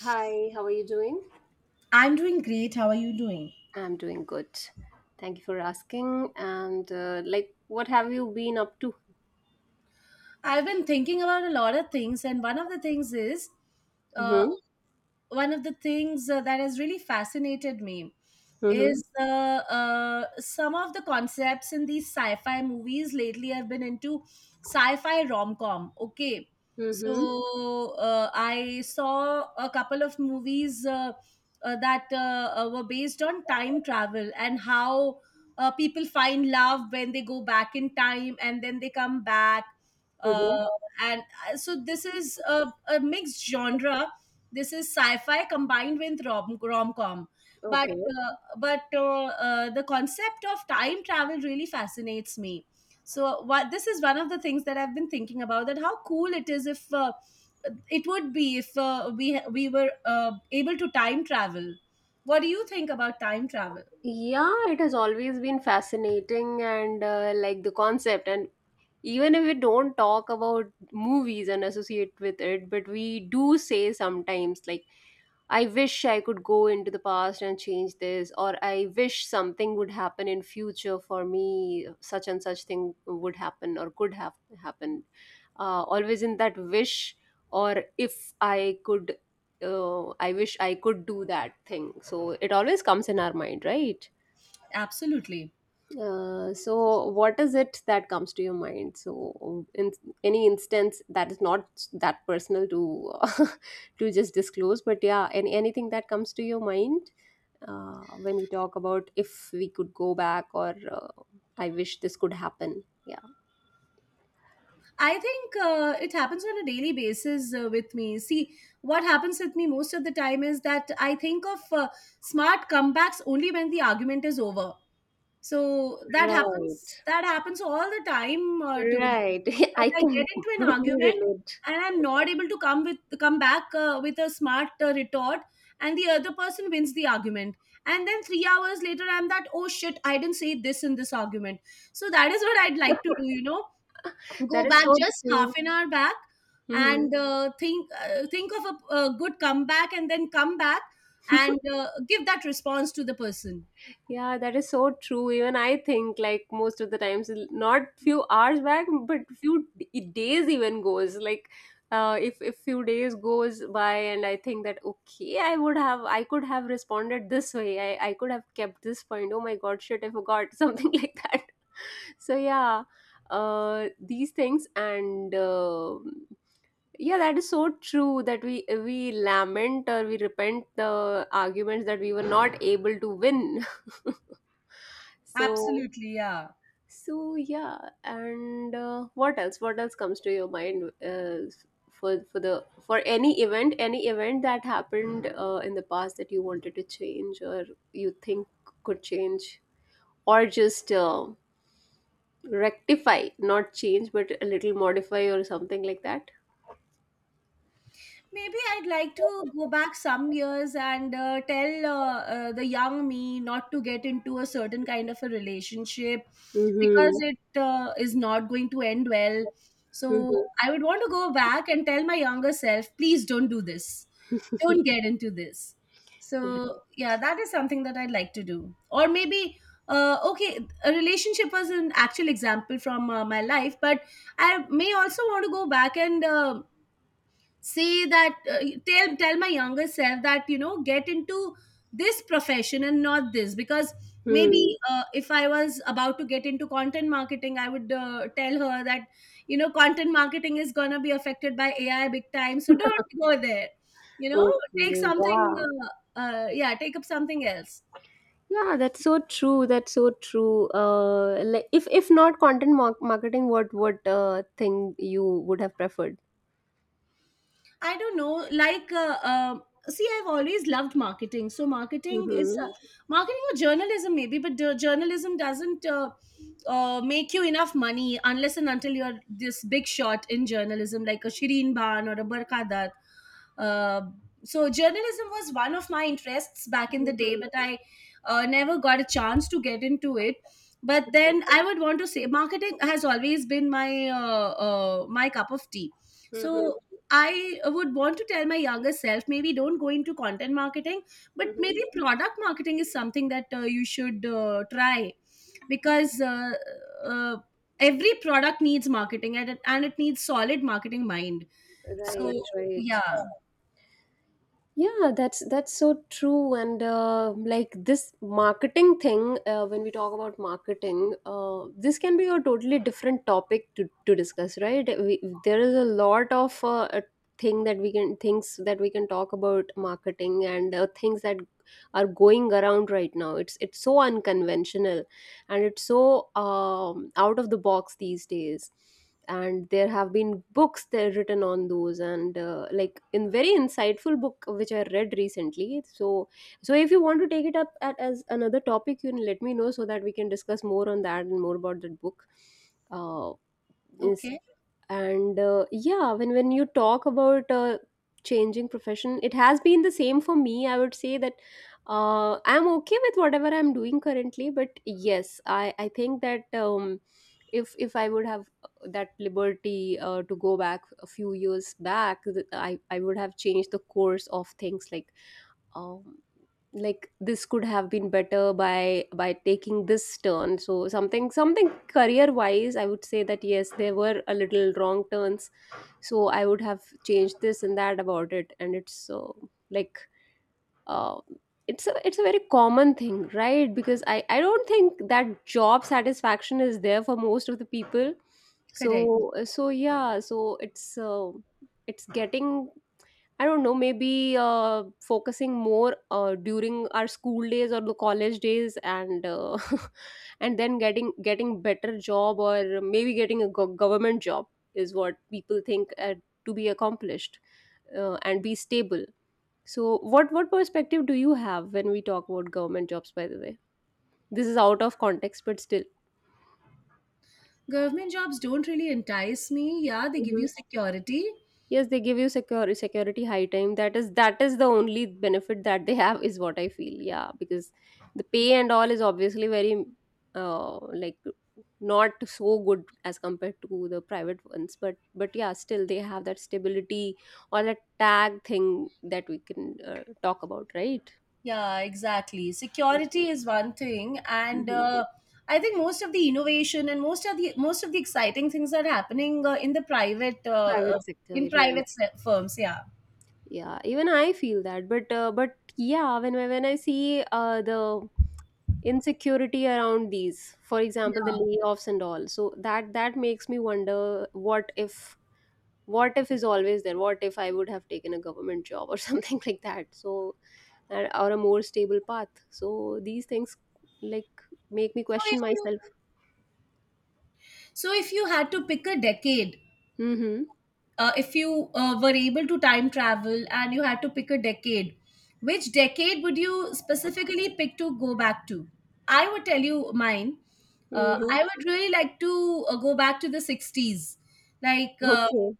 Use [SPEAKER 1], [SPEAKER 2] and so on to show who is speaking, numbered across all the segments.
[SPEAKER 1] Hi, how are you doing?
[SPEAKER 2] I'm doing great. How are you doing?
[SPEAKER 1] I'm doing good. Thank you for asking. And what have you been up to?
[SPEAKER 2] I've been thinking about a lot of things, and one of the things is uh,
[SPEAKER 1] Mm-hmm.
[SPEAKER 2] one of the things that has really fascinated me
[SPEAKER 1] Mm-hmm.
[SPEAKER 2] is some of the concepts in these sci-fi movies lately I have been into. Sci-fi rom-com, okay.
[SPEAKER 1] Mm-hmm.
[SPEAKER 2] So I saw a couple of movies that were based on time travel and how people find love when they go back in time and then they come back. uh,
[SPEAKER 1] Mm-hmm.
[SPEAKER 2] and so this is a mixed genre. This is sci-fi combined with rom-com, but
[SPEAKER 1] Okay.
[SPEAKER 2] the concept of time travel really fascinates me. So what this is one of the things that I've been thinking about, that how cool it is if it would be if we were uh, able to time travel. What do you think about time travel?
[SPEAKER 1] Yeah, it has always been fascinating and like the concept, and even if we don't talk about movies and associate with it, but we do say sometimes like I wish I could go into the past and change this, or I wish something would happen in future for me, such and such thing would happen or could have happened. Always in that wish, or if I could, I wish I could do that thing. So it always comes in our mind, right?
[SPEAKER 2] Absolutely.
[SPEAKER 1] So what is it that comes to your mind, so in any instance that is not that personal to to just disclose, but yeah, anything that comes to your mind when we talk about if we could go back, or I wish this could happen, yeah.
[SPEAKER 2] I think it happens on a daily basis with me. See, what happens with me most of the time is that I think of smart comebacks only when the argument is over. So that happens.
[SPEAKER 1] Right.
[SPEAKER 2] That happens all the time to me.
[SPEAKER 1] Right.
[SPEAKER 2] Like,
[SPEAKER 1] I
[SPEAKER 2] I
[SPEAKER 1] can
[SPEAKER 2] get into an
[SPEAKER 1] totally
[SPEAKER 2] argument
[SPEAKER 1] relate.
[SPEAKER 2] and I'm not able to come back with a smart retort, and the other person wins the argument. And then 3 hours later, I'm that, oh shit, I didn't say this in this argument. So that is what I'd like to do, you know, go
[SPEAKER 1] That is
[SPEAKER 2] back
[SPEAKER 1] so
[SPEAKER 2] just half
[SPEAKER 1] true.
[SPEAKER 2] an hour back
[SPEAKER 1] Mhm.
[SPEAKER 2] and think of a good comeback and then come back and give that response to the person.
[SPEAKER 1] Yeah, that is so true. Even I think, like, most of the times, not few hours back, but few days even goes. Like, if few days goes by, and I think that okay, I could have responded this way. I could have kept this point. Oh my God, shit, I forgot something like that. So yeah, these things and. Yeah, that is so true that we lament or we repent the arguments that we were not able to win. So,
[SPEAKER 2] Absolutely, yeah.
[SPEAKER 1] so yeah. And what else comes to your mind, for any event, any event that happened in the past that you wanted to change, or you think could change, or just rectify, not change, but a little modify or something like that.
[SPEAKER 2] Maybe I'd like to go back some years and tell the young me not to get into a certain kind of a relationship, because
[SPEAKER 1] Mm-hmm.
[SPEAKER 2] it is not going to end well. So I would want to go back and tell my younger self, please don't do this. Don't get into this. So yeah, that is something that I'd like to do. Or maybe okay, a relationship was an actual example from my life, but I may also want to go back and say that, tell my younger self that, you know, get into this profession and not this, because
[SPEAKER 1] Hmm.
[SPEAKER 2] maybe if I was about to get into content marketing, I would tell her that, you know, content marketing is going to be affected by AI big time, so don't go there, you know, take
[SPEAKER 1] Okay,
[SPEAKER 2] something
[SPEAKER 1] yeah.
[SPEAKER 2] yeah, take up something else.
[SPEAKER 1] Yeah, that's so true. That's so true. Like if not content marketing, what thing you would have preferred?
[SPEAKER 2] I don't know. Like, see, I've always loved marketing. So, marketing is
[SPEAKER 1] Mm-hmm.
[SPEAKER 2] marketing or journalism, maybe, but the journalism doesn't make you enough money unless and until you're this big shot in journalism, like a Shireen Ban or a Barkadar. Uh, so journalism was one of my interests back in the day,
[SPEAKER 1] Mm-hmm.
[SPEAKER 2] but I never got a chance to get into it. But then I would want to say marketing has always been my my cup of tea.
[SPEAKER 1] Mm-hmm.
[SPEAKER 2] So I would want to tell my younger self, maybe don't go into content marketing, but
[SPEAKER 1] Mm-hmm.
[SPEAKER 2] maybe product marketing is something that you should try, because uh, every product needs marketing, and it needs solid marketing mind.
[SPEAKER 1] Right,
[SPEAKER 2] So
[SPEAKER 1] right.
[SPEAKER 2] yeah.
[SPEAKER 1] Yeah, that's so true. And like this marketing thing, when we talk about marketing, this can be a totally different topic to discuss, right? There is a lot of a thing that we can things that we can talk about marketing, and things that are going around right now. It's so unconventional, and it's so out of the box these days, and there have been books that are written on those, and like in very insightful book which I read recently. So, so if you want to take it up as another topic, you can let me know so that we can discuss more on that and more about that book. uh, Yes.
[SPEAKER 2] Okay,
[SPEAKER 1] And yeah, when you talk about changing profession, it has been the same for me. I would say that I'm okay with whatever I'm doing currently, but yes, I think that if I would have that liberty to go back a few years back, I would have changed the course of things like, um like this could have been better by taking this turn, so something career wise, I would say that yes, there were a little wrong turns, so I would have changed this and that about it. And it's so, like, uh, it's a very common thing, right? Because I don't think that job satisfaction is there for most of the people.
[SPEAKER 2] correct.
[SPEAKER 1] So yeah, so it's getting. I don't know, maybe focusing more during our school days or the college days, and and then getting better job, or maybe getting a government job is what people think to be accomplished and be stable. So, what perspective do you have when we talk about government jobs? By the way, this is out of context, but still.
[SPEAKER 2] Government jobs don't really entice me. Yeah, they give you security.
[SPEAKER 1] Yes, they give you secure security high time. That is the only benefit that they have, is what I feel. Yeah, because the pay and all is obviously very, uh, like not so good as compared to the private ones. But yeah, still they have that stability or that tag thing that we can talk about, right?
[SPEAKER 2] Yeah, exactly. Security is one thing, and
[SPEAKER 1] Mhm.
[SPEAKER 2] I think most of the innovation and most of the exciting things are happening in the private
[SPEAKER 1] Private sector, right.
[SPEAKER 2] firms. Yeah.
[SPEAKER 1] Yeah, even I feel that, but but yeah, when when I see the insecurity around these, for example, the layoffs and all. So that makes me wonder what if. What if is always there. What if I would have taken a government job, or something like that. So or a more stable path. So these things, like, make me
[SPEAKER 2] So
[SPEAKER 1] question
[SPEAKER 2] if you,
[SPEAKER 1] myself.
[SPEAKER 2] so if you had to pick a decade,
[SPEAKER 1] Mm-hmm.
[SPEAKER 2] if you were able to time travel and you had to pick a decade, which decade would you specifically pick to go back to? I would tell you mine.
[SPEAKER 1] Mm-hmm.
[SPEAKER 2] I would really like to go back to the 60s. Like,
[SPEAKER 1] Okay.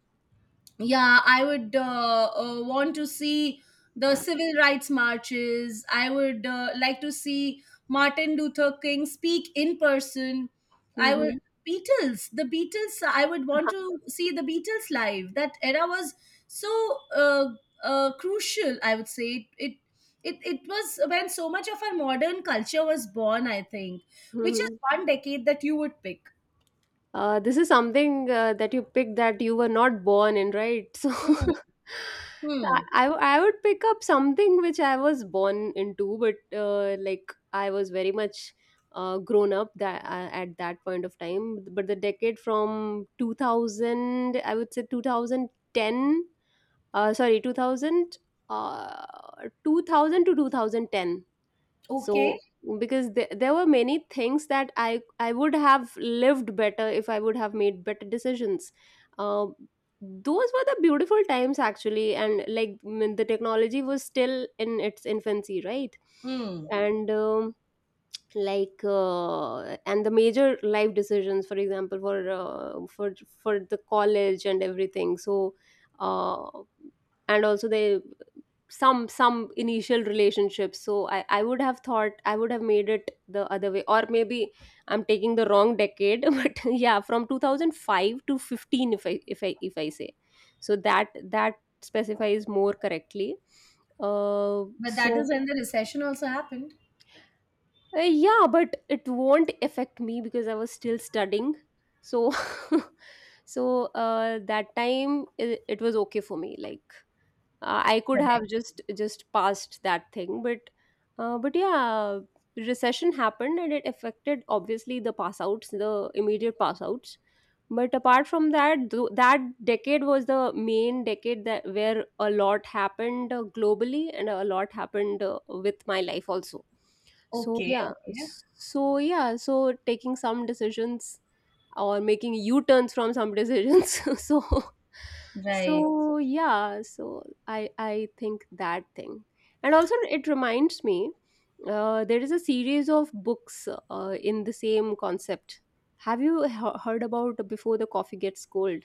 [SPEAKER 2] yeah, I would want to see the civil rights marches. I would like to see Martin Luther King speak in person. I would,
[SPEAKER 1] Mm-hmm.
[SPEAKER 2] beatles the Beatles, I would want to see the Beatles live. That era was so uh, crucial, I would say. It was when so much of our modern culture was born, I think. Which is one decade that you would pick?
[SPEAKER 1] This is something that you picked that you were not born in, right?
[SPEAKER 2] Hmm.
[SPEAKER 1] So
[SPEAKER 2] Hmm.
[SPEAKER 1] I would pick up something which I was born into, but like I was very much grown up that at that point of time. But the decade from 2000, I would say 2010, sorry, 2000, 2000 to 2010.
[SPEAKER 2] Okay.
[SPEAKER 1] So because there were many things that I would have lived better if I would have made better decisions. um, those were the beautiful times actually, and like, the technology was still in its infancy, right?
[SPEAKER 2] Hmm.
[SPEAKER 1] And like uh, and the major life decisions, for example, for the college and everything. So uh, and also the some initial relationships. So I would have thought I would have made it the other way, or maybe I'm taking the wrong decade. But yeah, from 2005 to 15, if I say, so that that specifies more correctly. uh
[SPEAKER 2] But that is
[SPEAKER 1] so
[SPEAKER 2] when the recession also happened.
[SPEAKER 1] yeah, but it won't affect me because I was still studying. So so uh, that time it was okay for me, like, I could have just passed that thing. But but yeah, recession happened, and it affected, obviously, the pass outs, the immediate pass outs. But apart from that, that decade was the main decade that where a lot happened globally, and a lot happened with my life also. So
[SPEAKER 2] Okay,
[SPEAKER 1] yeah.
[SPEAKER 2] okay.
[SPEAKER 1] So yeah. So taking some decisions or making u-turns from some decisions. So,
[SPEAKER 2] Right.
[SPEAKER 1] so yeah, so I think that thing. And also it reminds me, there is a series of books in the same concept. Have you heard about Before the Coffee Gets Cold?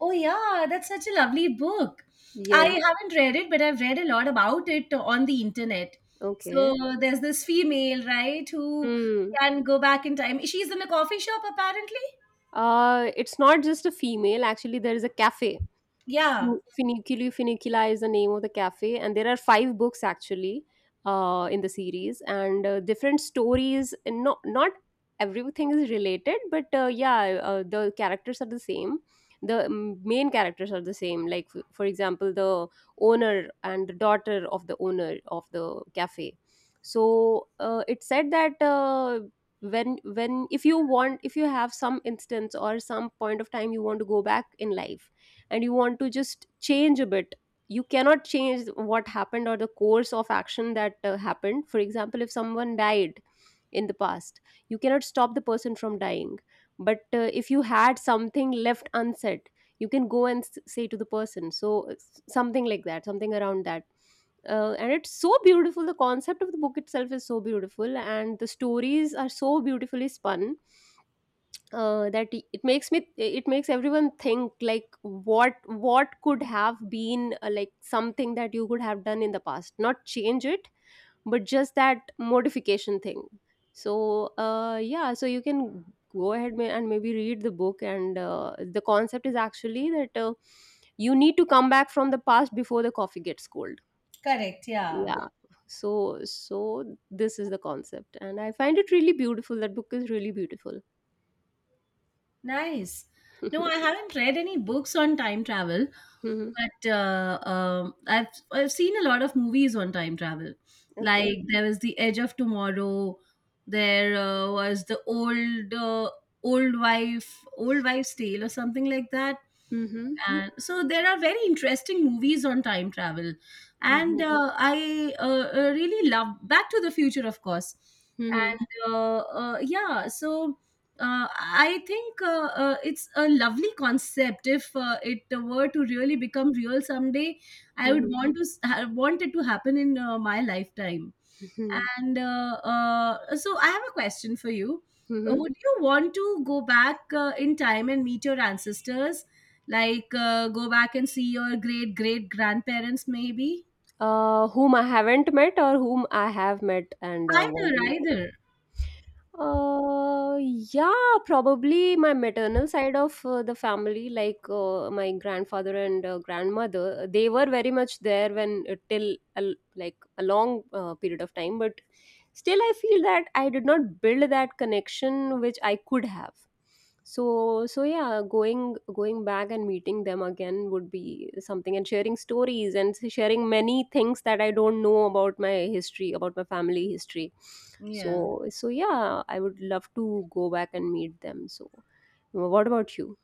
[SPEAKER 2] Oh, yeah, that's such a lovely book. I
[SPEAKER 1] Yes.
[SPEAKER 2] haven't read it, but I've read a lot about it on the internet.
[SPEAKER 1] Okay.
[SPEAKER 2] So there's this female, right, who
[SPEAKER 1] Hmm.
[SPEAKER 2] can go back in time. She's in a coffee shop, apparently.
[SPEAKER 1] Uh, it's not just a female actually. There is a cafe.
[SPEAKER 2] Yeah,
[SPEAKER 1] Fini- Funiculi Funicula is the name of the cafe, and there are five books actually in the series, and different stories. And Not everything is related, but yeah, the characters are the same. The main characters are the same. Like, for example, the owner and the daughter of the owner of the cafe. So it said that. When if you want, if you have some instance or some point of time you want to go back in life, and you want to just change a bit, you cannot change what happened or the course of action that happened. For example, if someone died in the past, you cannot stop the person from dying. But if you had something left unsaid, you can go and say to the person. So something like that, something around that. And it's so beautiful, the concept of the book itself is so beautiful, and the stories are so beautifully spun, that it makes me, it makes everyone think like, what could have been, like something that you could have done in the past, not change it, but just that modification thing. So yeah, so you can go ahead, and maybe read the book. And the concept is actually that, you need to come back from the past before the coffee gets cold.
[SPEAKER 2] correct. Yeah.
[SPEAKER 1] Yeah. So, so this is the concept, and I find it really beautiful. That book is really beautiful.
[SPEAKER 2] Nice. No, I haven't read any books on time travel,
[SPEAKER 1] Mhm.
[SPEAKER 2] but I've seen a lot of movies on time travel.
[SPEAKER 1] Okay.
[SPEAKER 2] Like, there was The Edge of Tomorrow. There was the old old wife old wife's tale or something like that.
[SPEAKER 1] Mhm.
[SPEAKER 2] And so there are very interesting movies on time travel,
[SPEAKER 1] Mhm.
[SPEAKER 2] and I really love Back to the Future, of course.
[SPEAKER 1] Mhm.
[SPEAKER 2] And yeah, so I think it's a lovely concept. If it were to really become real someday, I would
[SPEAKER 1] Mhm.
[SPEAKER 2] want to want it to happen in my lifetime.
[SPEAKER 1] Mhm.
[SPEAKER 2] And so, I have a question for you.
[SPEAKER 1] Mhm.
[SPEAKER 2] Would you want to go back in time and meet your ancestors, like go back and see your great great grandparents, maybe?
[SPEAKER 1] Whom I haven't met, or whom I have met and
[SPEAKER 2] Either,
[SPEAKER 1] want to meet.
[SPEAKER 2] either.
[SPEAKER 1] Uh, yeah, probably my maternal side of the family, like my grandfather and grandmother. They were very much there when till a l like a long period of time. But still I feel that I did not build that connection which I could have. So so yeah, going back and meeting them again would be something, and sharing stories and sharing many things that I don't know about, my history, about my family history.
[SPEAKER 2] Yeah.
[SPEAKER 1] So yeah, I would love to go back and meet them. So what about you?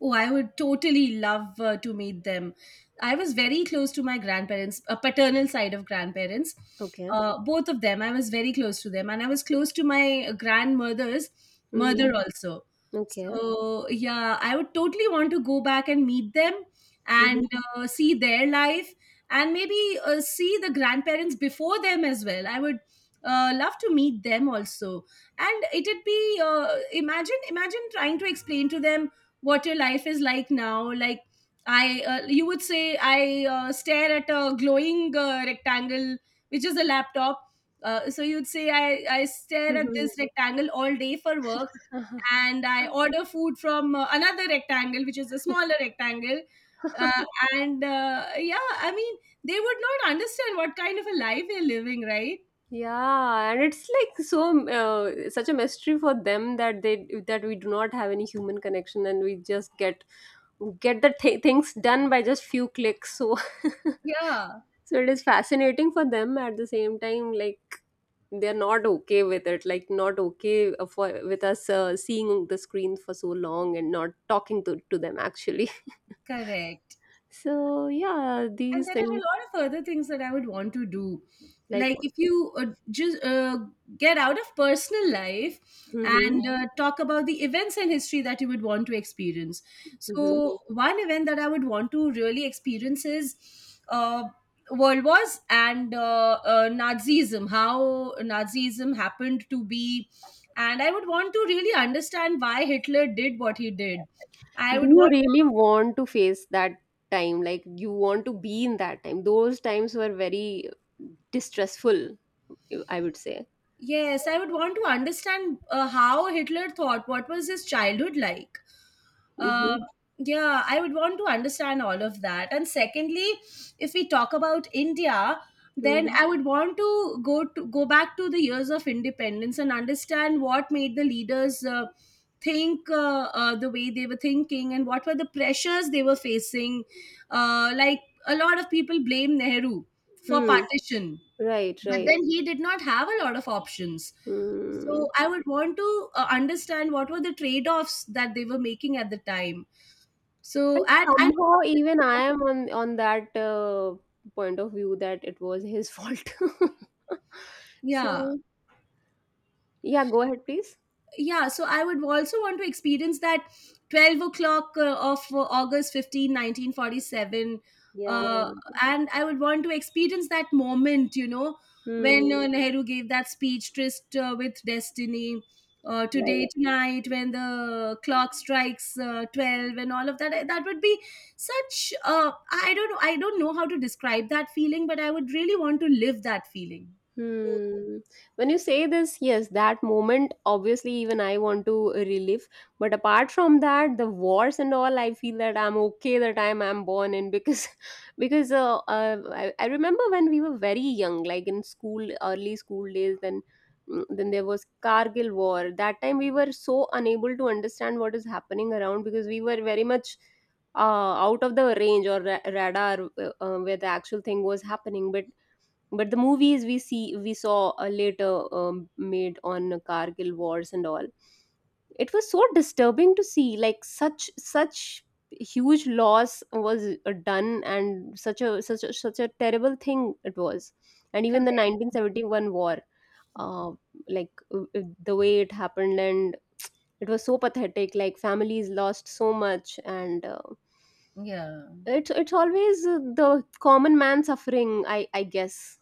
[SPEAKER 2] Oh, I would totally love to meet them. I was very close to my grandparents, a paternal side of grandparents.
[SPEAKER 1] Okay.
[SPEAKER 2] Both of them, I was very close to them, and I was close to my grandmother's
[SPEAKER 1] Mm-hmm.
[SPEAKER 2] mother also.
[SPEAKER 1] Okay.
[SPEAKER 2] So yeah, I would totally want to go back and meet them and see their life, and maybe see the grandparents before them as well. I would love to meet them also, and it'd be imagine trying to explain to them what your life is like now. Like, I you would say, I stare at a glowing rectangle, which is a laptop. So you'd say, I stare at this rectangle all day for work,
[SPEAKER 1] Mm-hmm.
[SPEAKER 2] and I order food from another rectangle, which is a smaller rectangle, uh, and yeah, I mean, they would not understand what kind of a life they're living, right?
[SPEAKER 1] Yeah, and it's like, such a mystery for them that they that we do not have any human connection, and we just get the things done by just few clicks. So
[SPEAKER 2] Yeah.
[SPEAKER 1] so it is fascinating for them at the same time, like, they're not okay with it, like, not okay for with us seeing the screen for so long and not talking to them actually.
[SPEAKER 2] Correct.
[SPEAKER 1] So yeah,
[SPEAKER 2] And
[SPEAKER 1] these
[SPEAKER 2] there are a
[SPEAKER 1] things,
[SPEAKER 2] lot of other things that I would want to do.
[SPEAKER 1] like,
[SPEAKER 2] Like, if you just get out of personal life
[SPEAKER 1] mhm,
[SPEAKER 2] and talk about the events and history that you would want to experience.
[SPEAKER 1] mhm.
[SPEAKER 2] So one event that I would want to really experience is uh, World Wars and Nazism. How Nazism happened to be, and I would want to really understand why Hitler did what he did. I
[SPEAKER 1] Do
[SPEAKER 2] would
[SPEAKER 1] you
[SPEAKER 2] want,
[SPEAKER 1] really want to face that time? Like, you want to be in that time? Those times were very distressful, I would say.
[SPEAKER 2] yes, I would want to understand how Hitler thought. What was his childhood like?
[SPEAKER 1] Mm-hmm.
[SPEAKER 2] Uh, yeah, I would want to understand all of that. And secondly, if we talk about India, then
[SPEAKER 1] Mm-hmm.
[SPEAKER 2] I would want to go back to the years of independence and understand what made the leaders think the way they were thinking and what were the pressures they were facing. Like, a lot of people blame Nehru for
[SPEAKER 1] Hmm.
[SPEAKER 2] partition,
[SPEAKER 1] Right,
[SPEAKER 2] but
[SPEAKER 1] right.
[SPEAKER 2] then he did not have a lot of options. So
[SPEAKER 1] Hmm.
[SPEAKER 2] I would want to understand what were the trade-offs that they were making at the time. So,
[SPEAKER 1] And somehow even I
[SPEAKER 2] um,
[SPEAKER 1] am on that point of view that it was his fault.
[SPEAKER 2] yeah,
[SPEAKER 1] So yeah, go ahead please.
[SPEAKER 2] yeah, so I would also want to experience that 12 o'clock of august 15th 1947,
[SPEAKER 1] Yeah.
[SPEAKER 2] uh, and I would want to experience that moment, you know, when
[SPEAKER 1] Hmm.
[SPEAKER 2] Nehru gave that speech, tryst with destiny, today,
[SPEAKER 1] Right.
[SPEAKER 2] tonight, when the clock strikes 12 and all of that. That would be such, I don't know, I don't know how to describe that feeling, but I would really want to live that feeling.
[SPEAKER 1] Hmm. When you say this, yes, that moment, obviously, even I want to relive. But apart from that, the wars and all, I feel that I'm okay the time I'm born in because, because I remember when we were very young, like in school, early school days, then then there was Kargil war. That time we were so unable to understand what is happening around because we were very much out of the range or radar, where the actual thing was happening. But the movies we saw later, made on Kargil wars and all, it was so disturbing to see, like, such huge loss was done, and such a terrible thing it was. And even the
[SPEAKER 2] Correct.
[SPEAKER 1] 1971 war, uh, like, the way it happened, and it was so pathetic, like families lost so much. And
[SPEAKER 2] Yeah.
[SPEAKER 1] it's always the common man suffering, I guess,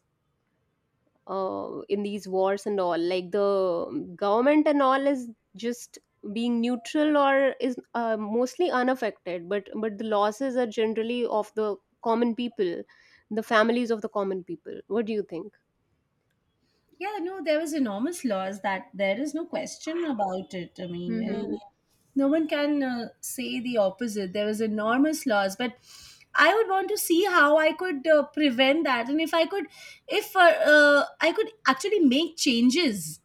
[SPEAKER 1] in these wars and all. Like, the government and all is just being neutral or is mostly unaffected, but the losses are generally of the common people, the families of the common people. What do you think?
[SPEAKER 2] Yeah, no, there was enormous loss, that there is no question about it. I mean, it, mhm,
[SPEAKER 1] Mm-hmm.
[SPEAKER 2] no one can say the opposite. There was enormous loss, but I would want to see how I could prevent that, and if I could actually make changes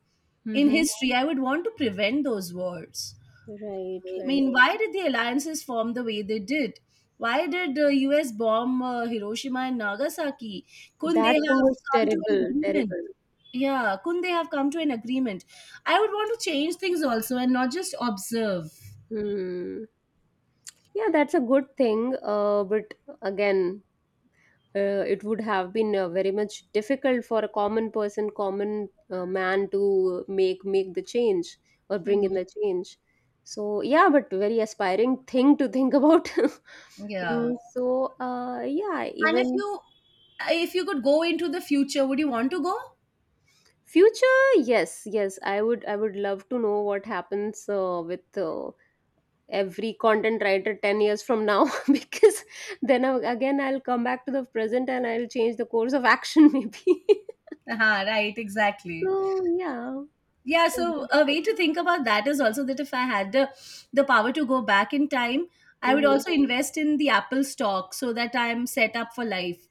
[SPEAKER 2] in
[SPEAKER 1] Mm-hmm.
[SPEAKER 2] history, I would want to prevent those wars.
[SPEAKER 1] Right,
[SPEAKER 2] I
[SPEAKER 1] right.
[SPEAKER 2] mean, why did the alliances form the way they did? Why did the US bomb Hiroshima and Nagasaki? Couldn't they
[SPEAKER 1] That thing
[SPEAKER 2] have
[SPEAKER 1] was
[SPEAKER 2] come to an
[SPEAKER 1] terrible,
[SPEAKER 2] agreement?
[SPEAKER 1] terrible.
[SPEAKER 2] Yeah, couldn't they have come to an agreement? I would want to change things also and not just observe.
[SPEAKER 1] Hmm. Yeah, that's a good thing, but again, it would have been very much difficult for a common person, common man, to make the change or bring in
[SPEAKER 2] Mhm.
[SPEAKER 1] the change. So yeah, but very aspiring thing to think about.
[SPEAKER 2] Yeah.
[SPEAKER 1] Mm, so yeah,
[SPEAKER 2] And if
[SPEAKER 1] even
[SPEAKER 2] you, if you could go into the future, would you want to go?
[SPEAKER 1] future, yes, yes, I would love to know what happens with every content writer 10 years from now because then again I'll come back to the present and I'll change the course of action. Maybe.
[SPEAKER 2] uh right, exactly.
[SPEAKER 1] So yeah.
[SPEAKER 2] Yeah, so a way to think about that is also that if I had the power to go back in time, I would
[SPEAKER 1] Mhm.
[SPEAKER 2] also invest in the Apple stock so that I'm set up for life.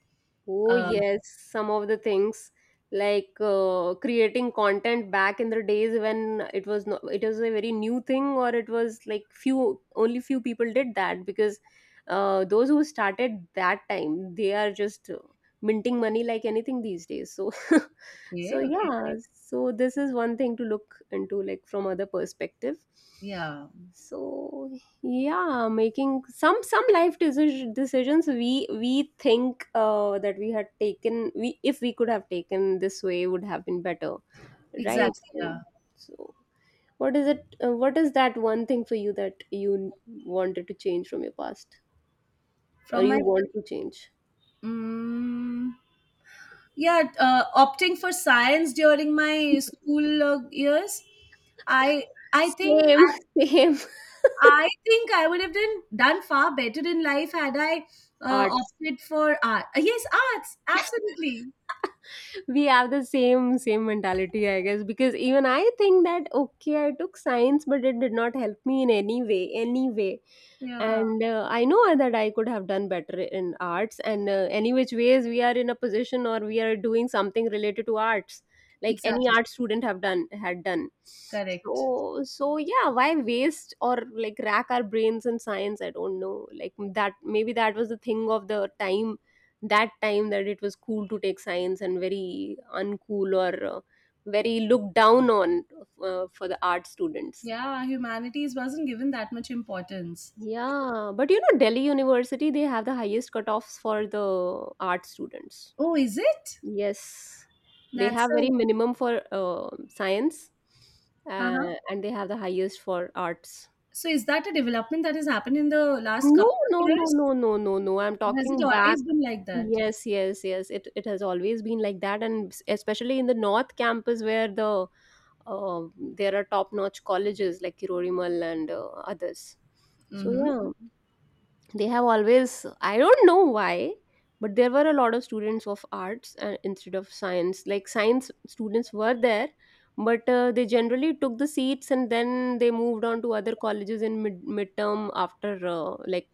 [SPEAKER 1] Oh,
[SPEAKER 2] Uh,
[SPEAKER 1] yes, some of the things, like, creating content back in the days when it was not, it was a very new thing, or it was like few, only few people did that because those who started that time, they are just minting money like anything these days. So, so
[SPEAKER 2] okay, okay.
[SPEAKER 1] yeah, so this is one thing to look into, like from other perspective.
[SPEAKER 2] Yeah,
[SPEAKER 1] So yeah, making some life decisions, we think that we had taken, we if we could have taken this way would have been better, right?
[SPEAKER 2] exactly.
[SPEAKER 1] So,
[SPEAKER 2] Yeah.
[SPEAKER 1] so what is it? What is that one thing for you that you wanted to change from your past? Or
[SPEAKER 2] From my,
[SPEAKER 1] you want to change.
[SPEAKER 2] mm yeah, Opting for science during my school years, I I think
[SPEAKER 1] Same, same.
[SPEAKER 2] I think I would have done far better in life had I
[SPEAKER 1] Arts.
[SPEAKER 2] opted for art. Yes, arts, absolutely.
[SPEAKER 1] We have the same, same mentality, I guess, because even I think that, okay, I took science but it did not help me in any way, any way.
[SPEAKER 2] Yeah.
[SPEAKER 1] And I know that I could have done better in arts, and any which ways we are in a position or we are doing something related to arts, like any
[SPEAKER 2] Exactly.
[SPEAKER 1] art student have done had done.
[SPEAKER 2] Correct.
[SPEAKER 1] So, so yeah, why waste or, like, rack our brains in science? I don't know, like, that maybe that was the thing of the time, that time, that it was cool to take science and very uncool, or very looked down on for the art students.
[SPEAKER 2] Yeah, humanities wasn't given that much importance.
[SPEAKER 1] Yeah, but Delhi University, they have the highest cutoffs for the art students.
[SPEAKER 2] Oh, is it?
[SPEAKER 1] Yes, they
[SPEAKER 2] That's
[SPEAKER 1] have very
[SPEAKER 2] a.
[SPEAKER 1] minimum for science,
[SPEAKER 2] Uh-huh.
[SPEAKER 1] uh, and they have the highest for arts.
[SPEAKER 2] So, is that a development that has happened in the last
[SPEAKER 1] No,
[SPEAKER 2] couple of
[SPEAKER 1] no, no,
[SPEAKER 2] years?
[SPEAKER 1] no, no, no, no. I'm
[SPEAKER 2] Has it
[SPEAKER 1] talking back.
[SPEAKER 2] always been like that?
[SPEAKER 1] Yes, yes, yes. It has always been like that, and especially in the North Campus where the uh, there are top-notch colleges like Kirorimal and others. So
[SPEAKER 2] Mm-hmm.
[SPEAKER 1] yeah, they have always, I don't know why, but there were a lot of students of arts instead of science, like science students were there. But they generally took the seats and then they moved on to other colleges in midterm after like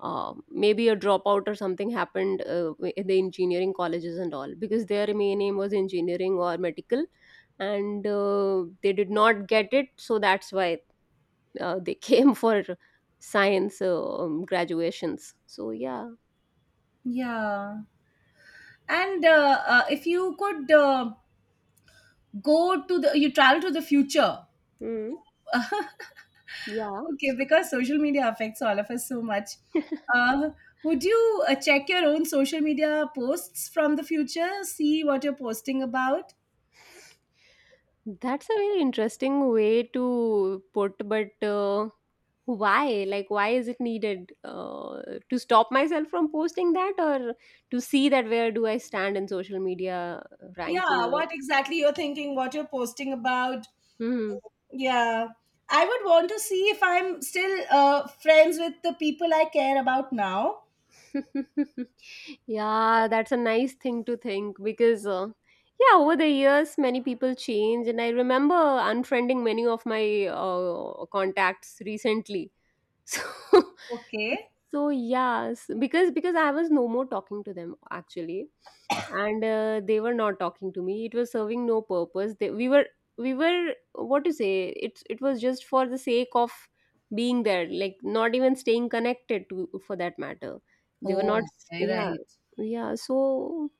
[SPEAKER 1] maybe a dropout or something happened in the engineering colleges and all, because their main aim was engineering or medical and they did not get it, so that's why they came for science graduations. So yeah,
[SPEAKER 2] Yeah. And if you could go to you travel to the future,
[SPEAKER 1] mm, yeah,
[SPEAKER 2] okay, because social media affects all of us so much. Uh, would you check your own social media posts from the future, see what you're posting about?
[SPEAKER 1] that's a very interesting way to put. But why? Like, why is it needed to stop myself from posting that, or to see that where do I stand in social media ranking?
[SPEAKER 2] Yeah, what exactly you're thinking, what you're posting about.
[SPEAKER 1] Hmm.
[SPEAKER 2] Yeah, I would want to see if I'm still friends with the people I care about now.
[SPEAKER 1] Yeah, that's a nice thing to think because, yeah, over the years, many people change, and I remember unfriending many of my contacts recently. So,
[SPEAKER 2] Okay.
[SPEAKER 1] so yes, because I was no more talking to them actually, and they were not talking to me. It was serving no purpose. We were, what to say? It was just for the sake of being there, like not even staying connected to for that matter. They were not.
[SPEAKER 2] Oh, okay,
[SPEAKER 1] Yeah,
[SPEAKER 2] right.
[SPEAKER 1] yeah. So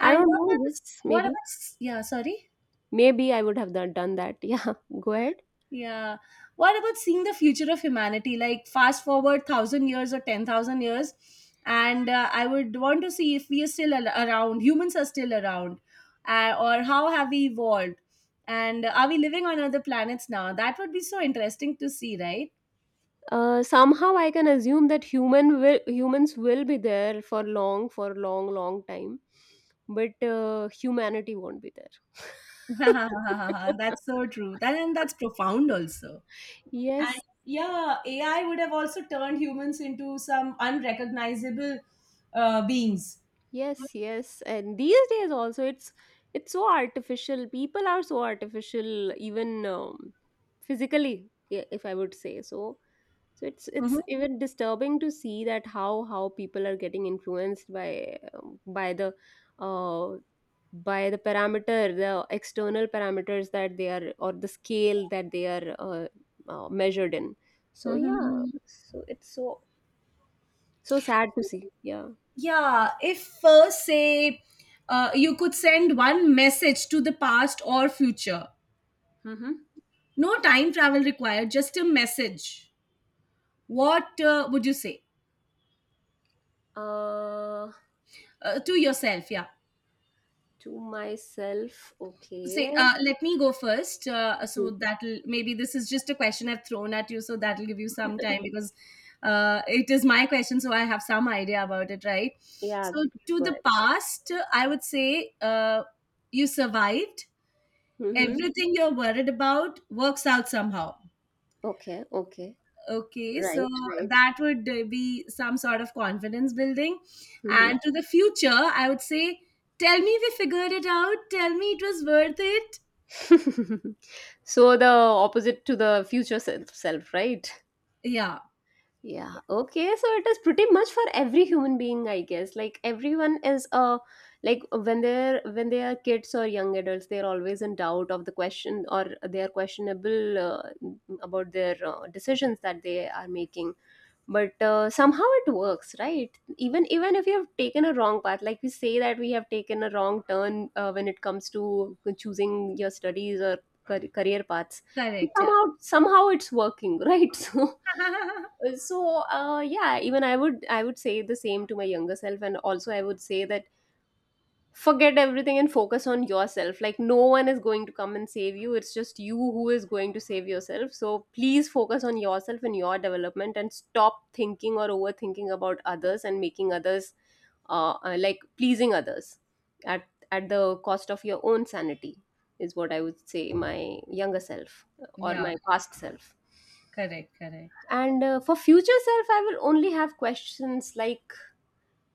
[SPEAKER 1] I
[SPEAKER 2] And
[SPEAKER 1] don't
[SPEAKER 2] what about,
[SPEAKER 1] know. Yes,
[SPEAKER 2] what about
[SPEAKER 1] maybe,
[SPEAKER 2] yeah sorry.
[SPEAKER 1] I would have done that. Yeah, go ahead.
[SPEAKER 2] Yeah. What about seeing the future of humanity? Like, fast forward 1,000 years or 10,000 years, and I would want to see if we are still around. Humans are still around, or how have we evolved, and are we living on other planets now? That would be so interesting to see, right?
[SPEAKER 1] Somehow I can assume that humans will be there for long, long time, but humanity won't be there.
[SPEAKER 2] that's so true. That and that's profound also. And
[SPEAKER 1] Yes,
[SPEAKER 2] yeah, AI would have also turned humans into some unrecognizable beings.
[SPEAKER 1] yes, yes. And these days also, it's so artificial. People are so artificial, even physically, yeah, if I would say so. So it's
[SPEAKER 2] Mhm.
[SPEAKER 1] even disturbing to see that how people are getting influenced by uh, by the parameter, the external parameters that they are, or the scale that they are measured in. So yeah,
[SPEAKER 2] Mhm.
[SPEAKER 1] so it's so so sad to see. Yeah.
[SPEAKER 2] Yeah, if say you could send one message to the past or future,
[SPEAKER 1] Mm-hmm.
[SPEAKER 2] no time travel required, just a message. What would you say
[SPEAKER 1] Uh,
[SPEAKER 2] to yourself? Yeah,
[SPEAKER 1] to myself,
[SPEAKER 2] say,
[SPEAKER 1] okay.
[SPEAKER 2] let me go first. So
[SPEAKER 1] Mhm.
[SPEAKER 2] that'll maybe, this is just a question I've thrown at you, so that'll give you some time because it is my question, so I have some idea about it, right?
[SPEAKER 1] Yeah,
[SPEAKER 2] So
[SPEAKER 1] please
[SPEAKER 2] to
[SPEAKER 1] go
[SPEAKER 2] the
[SPEAKER 1] ahead.
[SPEAKER 2] past, I would say, you survived,
[SPEAKER 1] Mm-hmm.
[SPEAKER 2] everything you're worried about works out somehow,
[SPEAKER 1] Okay, okay.
[SPEAKER 2] okay?
[SPEAKER 1] Right,
[SPEAKER 2] So
[SPEAKER 1] right.
[SPEAKER 2] that would be some sort of confidence building.
[SPEAKER 1] Mm-hmm.
[SPEAKER 2] And to the future I would say, tell me we figured it out, tell me it was worth it.
[SPEAKER 1] So the opposite to the future self, self, right?
[SPEAKER 2] Yeah.
[SPEAKER 1] Yeah, okay, so it is pretty much for every human being, I guess. Like, everyone is a, like when they are kids or young adults, they're always in doubt of the question, or they are questionable about their decisions that they are making. But somehow it works, right? Even, if you have taken a wrong path, like we say that we have taken a wrong turn when it comes to choosing your studies or career paths, but
[SPEAKER 2] Correct.
[SPEAKER 1] somehow, somehow it's working, right? So,
[SPEAKER 2] Yeah.
[SPEAKER 1] so yeah, even I would say the same to my younger self. And also, I would say that forget everything and focus on yourself. Like, no one is going to come and save you. It's just you who is going to save yourself. So please focus on yourself and your development and stop thinking or overthinking about others and making others, like, pleasing others at at the cost of your own sanity, is what I would say my younger self, or
[SPEAKER 2] yeah.
[SPEAKER 1] my past self.
[SPEAKER 2] Correct, correct.
[SPEAKER 1] And for future self, I will only have questions, like,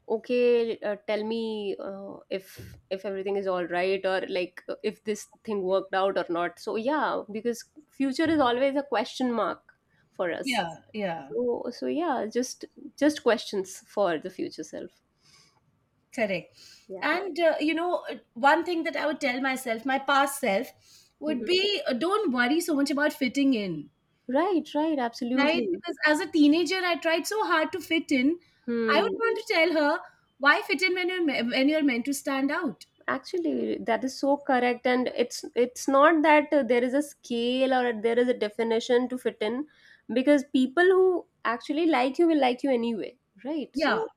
[SPEAKER 1] okay, tell me if everything is all right, or like if this thing worked out or not. So yeah, because future is always a question mark for us.
[SPEAKER 2] Yeah, yeah,
[SPEAKER 1] So yeah, just questions for the future self.
[SPEAKER 2] correct.
[SPEAKER 1] Yeah.
[SPEAKER 2] And you know, one thing that I would tell myself, my past self, would
[SPEAKER 1] Mhm.
[SPEAKER 2] be, don't worry so much about fitting in.
[SPEAKER 1] Right, right,
[SPEAKER 2] Right?
[SPEAKER 1] absolutely.
[SPEAKER 2] Because as a teenager, I tried so hard to fit in. I would
[SPEAKER 1] Hmm.
[SPEAKER 2] want to tell her, why fit in when you're when you're meant to stand out?
[SPEAKER 1] Actually, that is so correct, and it's not that there is a scale or there is a definition to fit in, because people who actually like you will like you anyway, right?
[SPEAKER 2] Yeah,
[SPEAKER 1] So,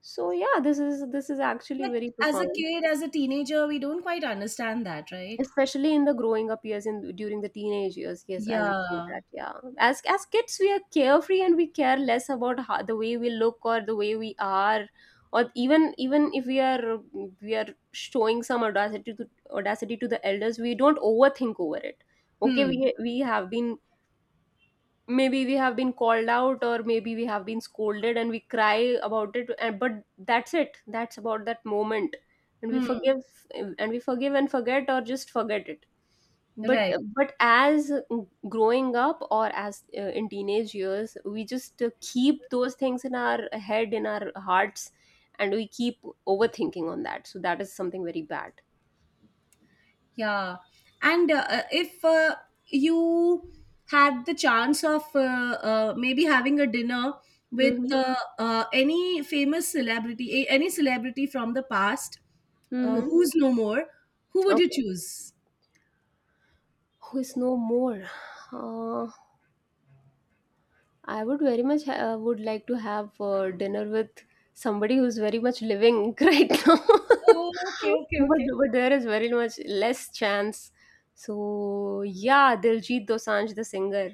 [SPEAKER 1] so yeah, this is actually
[SPEAKER 2] but
[SPEAKER 1] very
[SPEAKER 2] as a
[SPEAKER 1] profound,
[SPEAKER 2] kid, as a teenager, we don't quite understand that, right?
[SPEAKER 1] especially in the growing up years, in during the teenage years. Yes, I would say
[SPEAKER 2] Yeah.
[SPEAKER 1] that. Yeah, as kids, we are carefree and we care less about how, the way we look or the way we are, or even if we are showing some audacity to audacity to the elders, we don't overthink over it. Okay,
[SPEAKER 2] Hmm.
[SPEAKER 1] we have been, maybe we have been called out, or maybe we have been scolded, and we cry about it, and but that's it, that's about that moment. And
[SPEAKER 2] Hmm.
[SPEAKER 1] we forgive and forget, or just forget it. but
[SPEAKER 2] Right.
[SPEAKER 1] but as growing up, or as in teenage years, we just keep those things in our head, in our hearts, and we keep overthinking on that, so that is something very bad.
[SPEAKER 2] Yeah, and if you had the chance of maybe having a dinner with
[SPEAKER 1] Mm-hmm.
[SPEAKER 2] any famous celebrity, any celebrity from the past,
[SPEAKER 1] Mm-hmm.
[SPEAKER 2] who's no more, who would you
[SPEAKER 1] Okay.
[SPEAKER 2] choose?
[SPEAKER 1] Who is no more? uh, I would very much would like to have dinner with somebody who's very much living right now,
[SPEAKER 2] Oh, okay, okay,
[SPEAKER 1] but
[SPEAKER 2] okay.
[SPEAKER 1] there is very much less chance. So yeah, Diljit Dosanjh, the singer.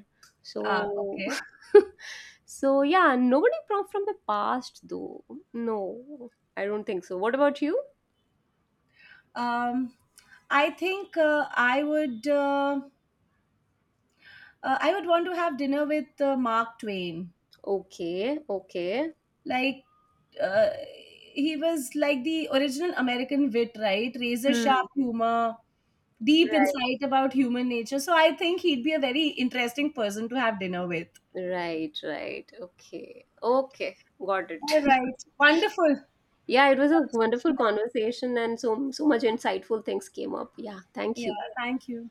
[SPEAKER 2] Ah,
[SPEAKER 1] So
[SPEAKER 2] okay.
[SPEAKER 1] so yeah, nobody from the past though. No, I don't think so. What about you?
[SPEAKER 2] Um, I think I would want to have dinner with Mark Twain.
[SPEAKER 1] Okay, okay.
[SPEAKER 2] Like, uh, he was like the original American wit, right? Razor
[SPEAKER 1] Hmm.
[SPEAKER 2] sharp humor, deep
[SPEAKER 1] Right,
[SPEAKER 2] insight about human nature. So I think he'd be a very interesting person to have dinner with.
[SPEAKER 1] right, right. Okay, okay. Got it.
[SPEAKER 2] All right, wonderful
[SPEAKER 1] Yeah, it was a wonderful
[SPEAKER 2] conversation. I think.
[SPEAKER 1] conversation and so much insightful things came up. Yeah, thank
[SPEAKER 2] Yeah,
[SPEAKER 1] you.
[SPEAKER 2] thank you.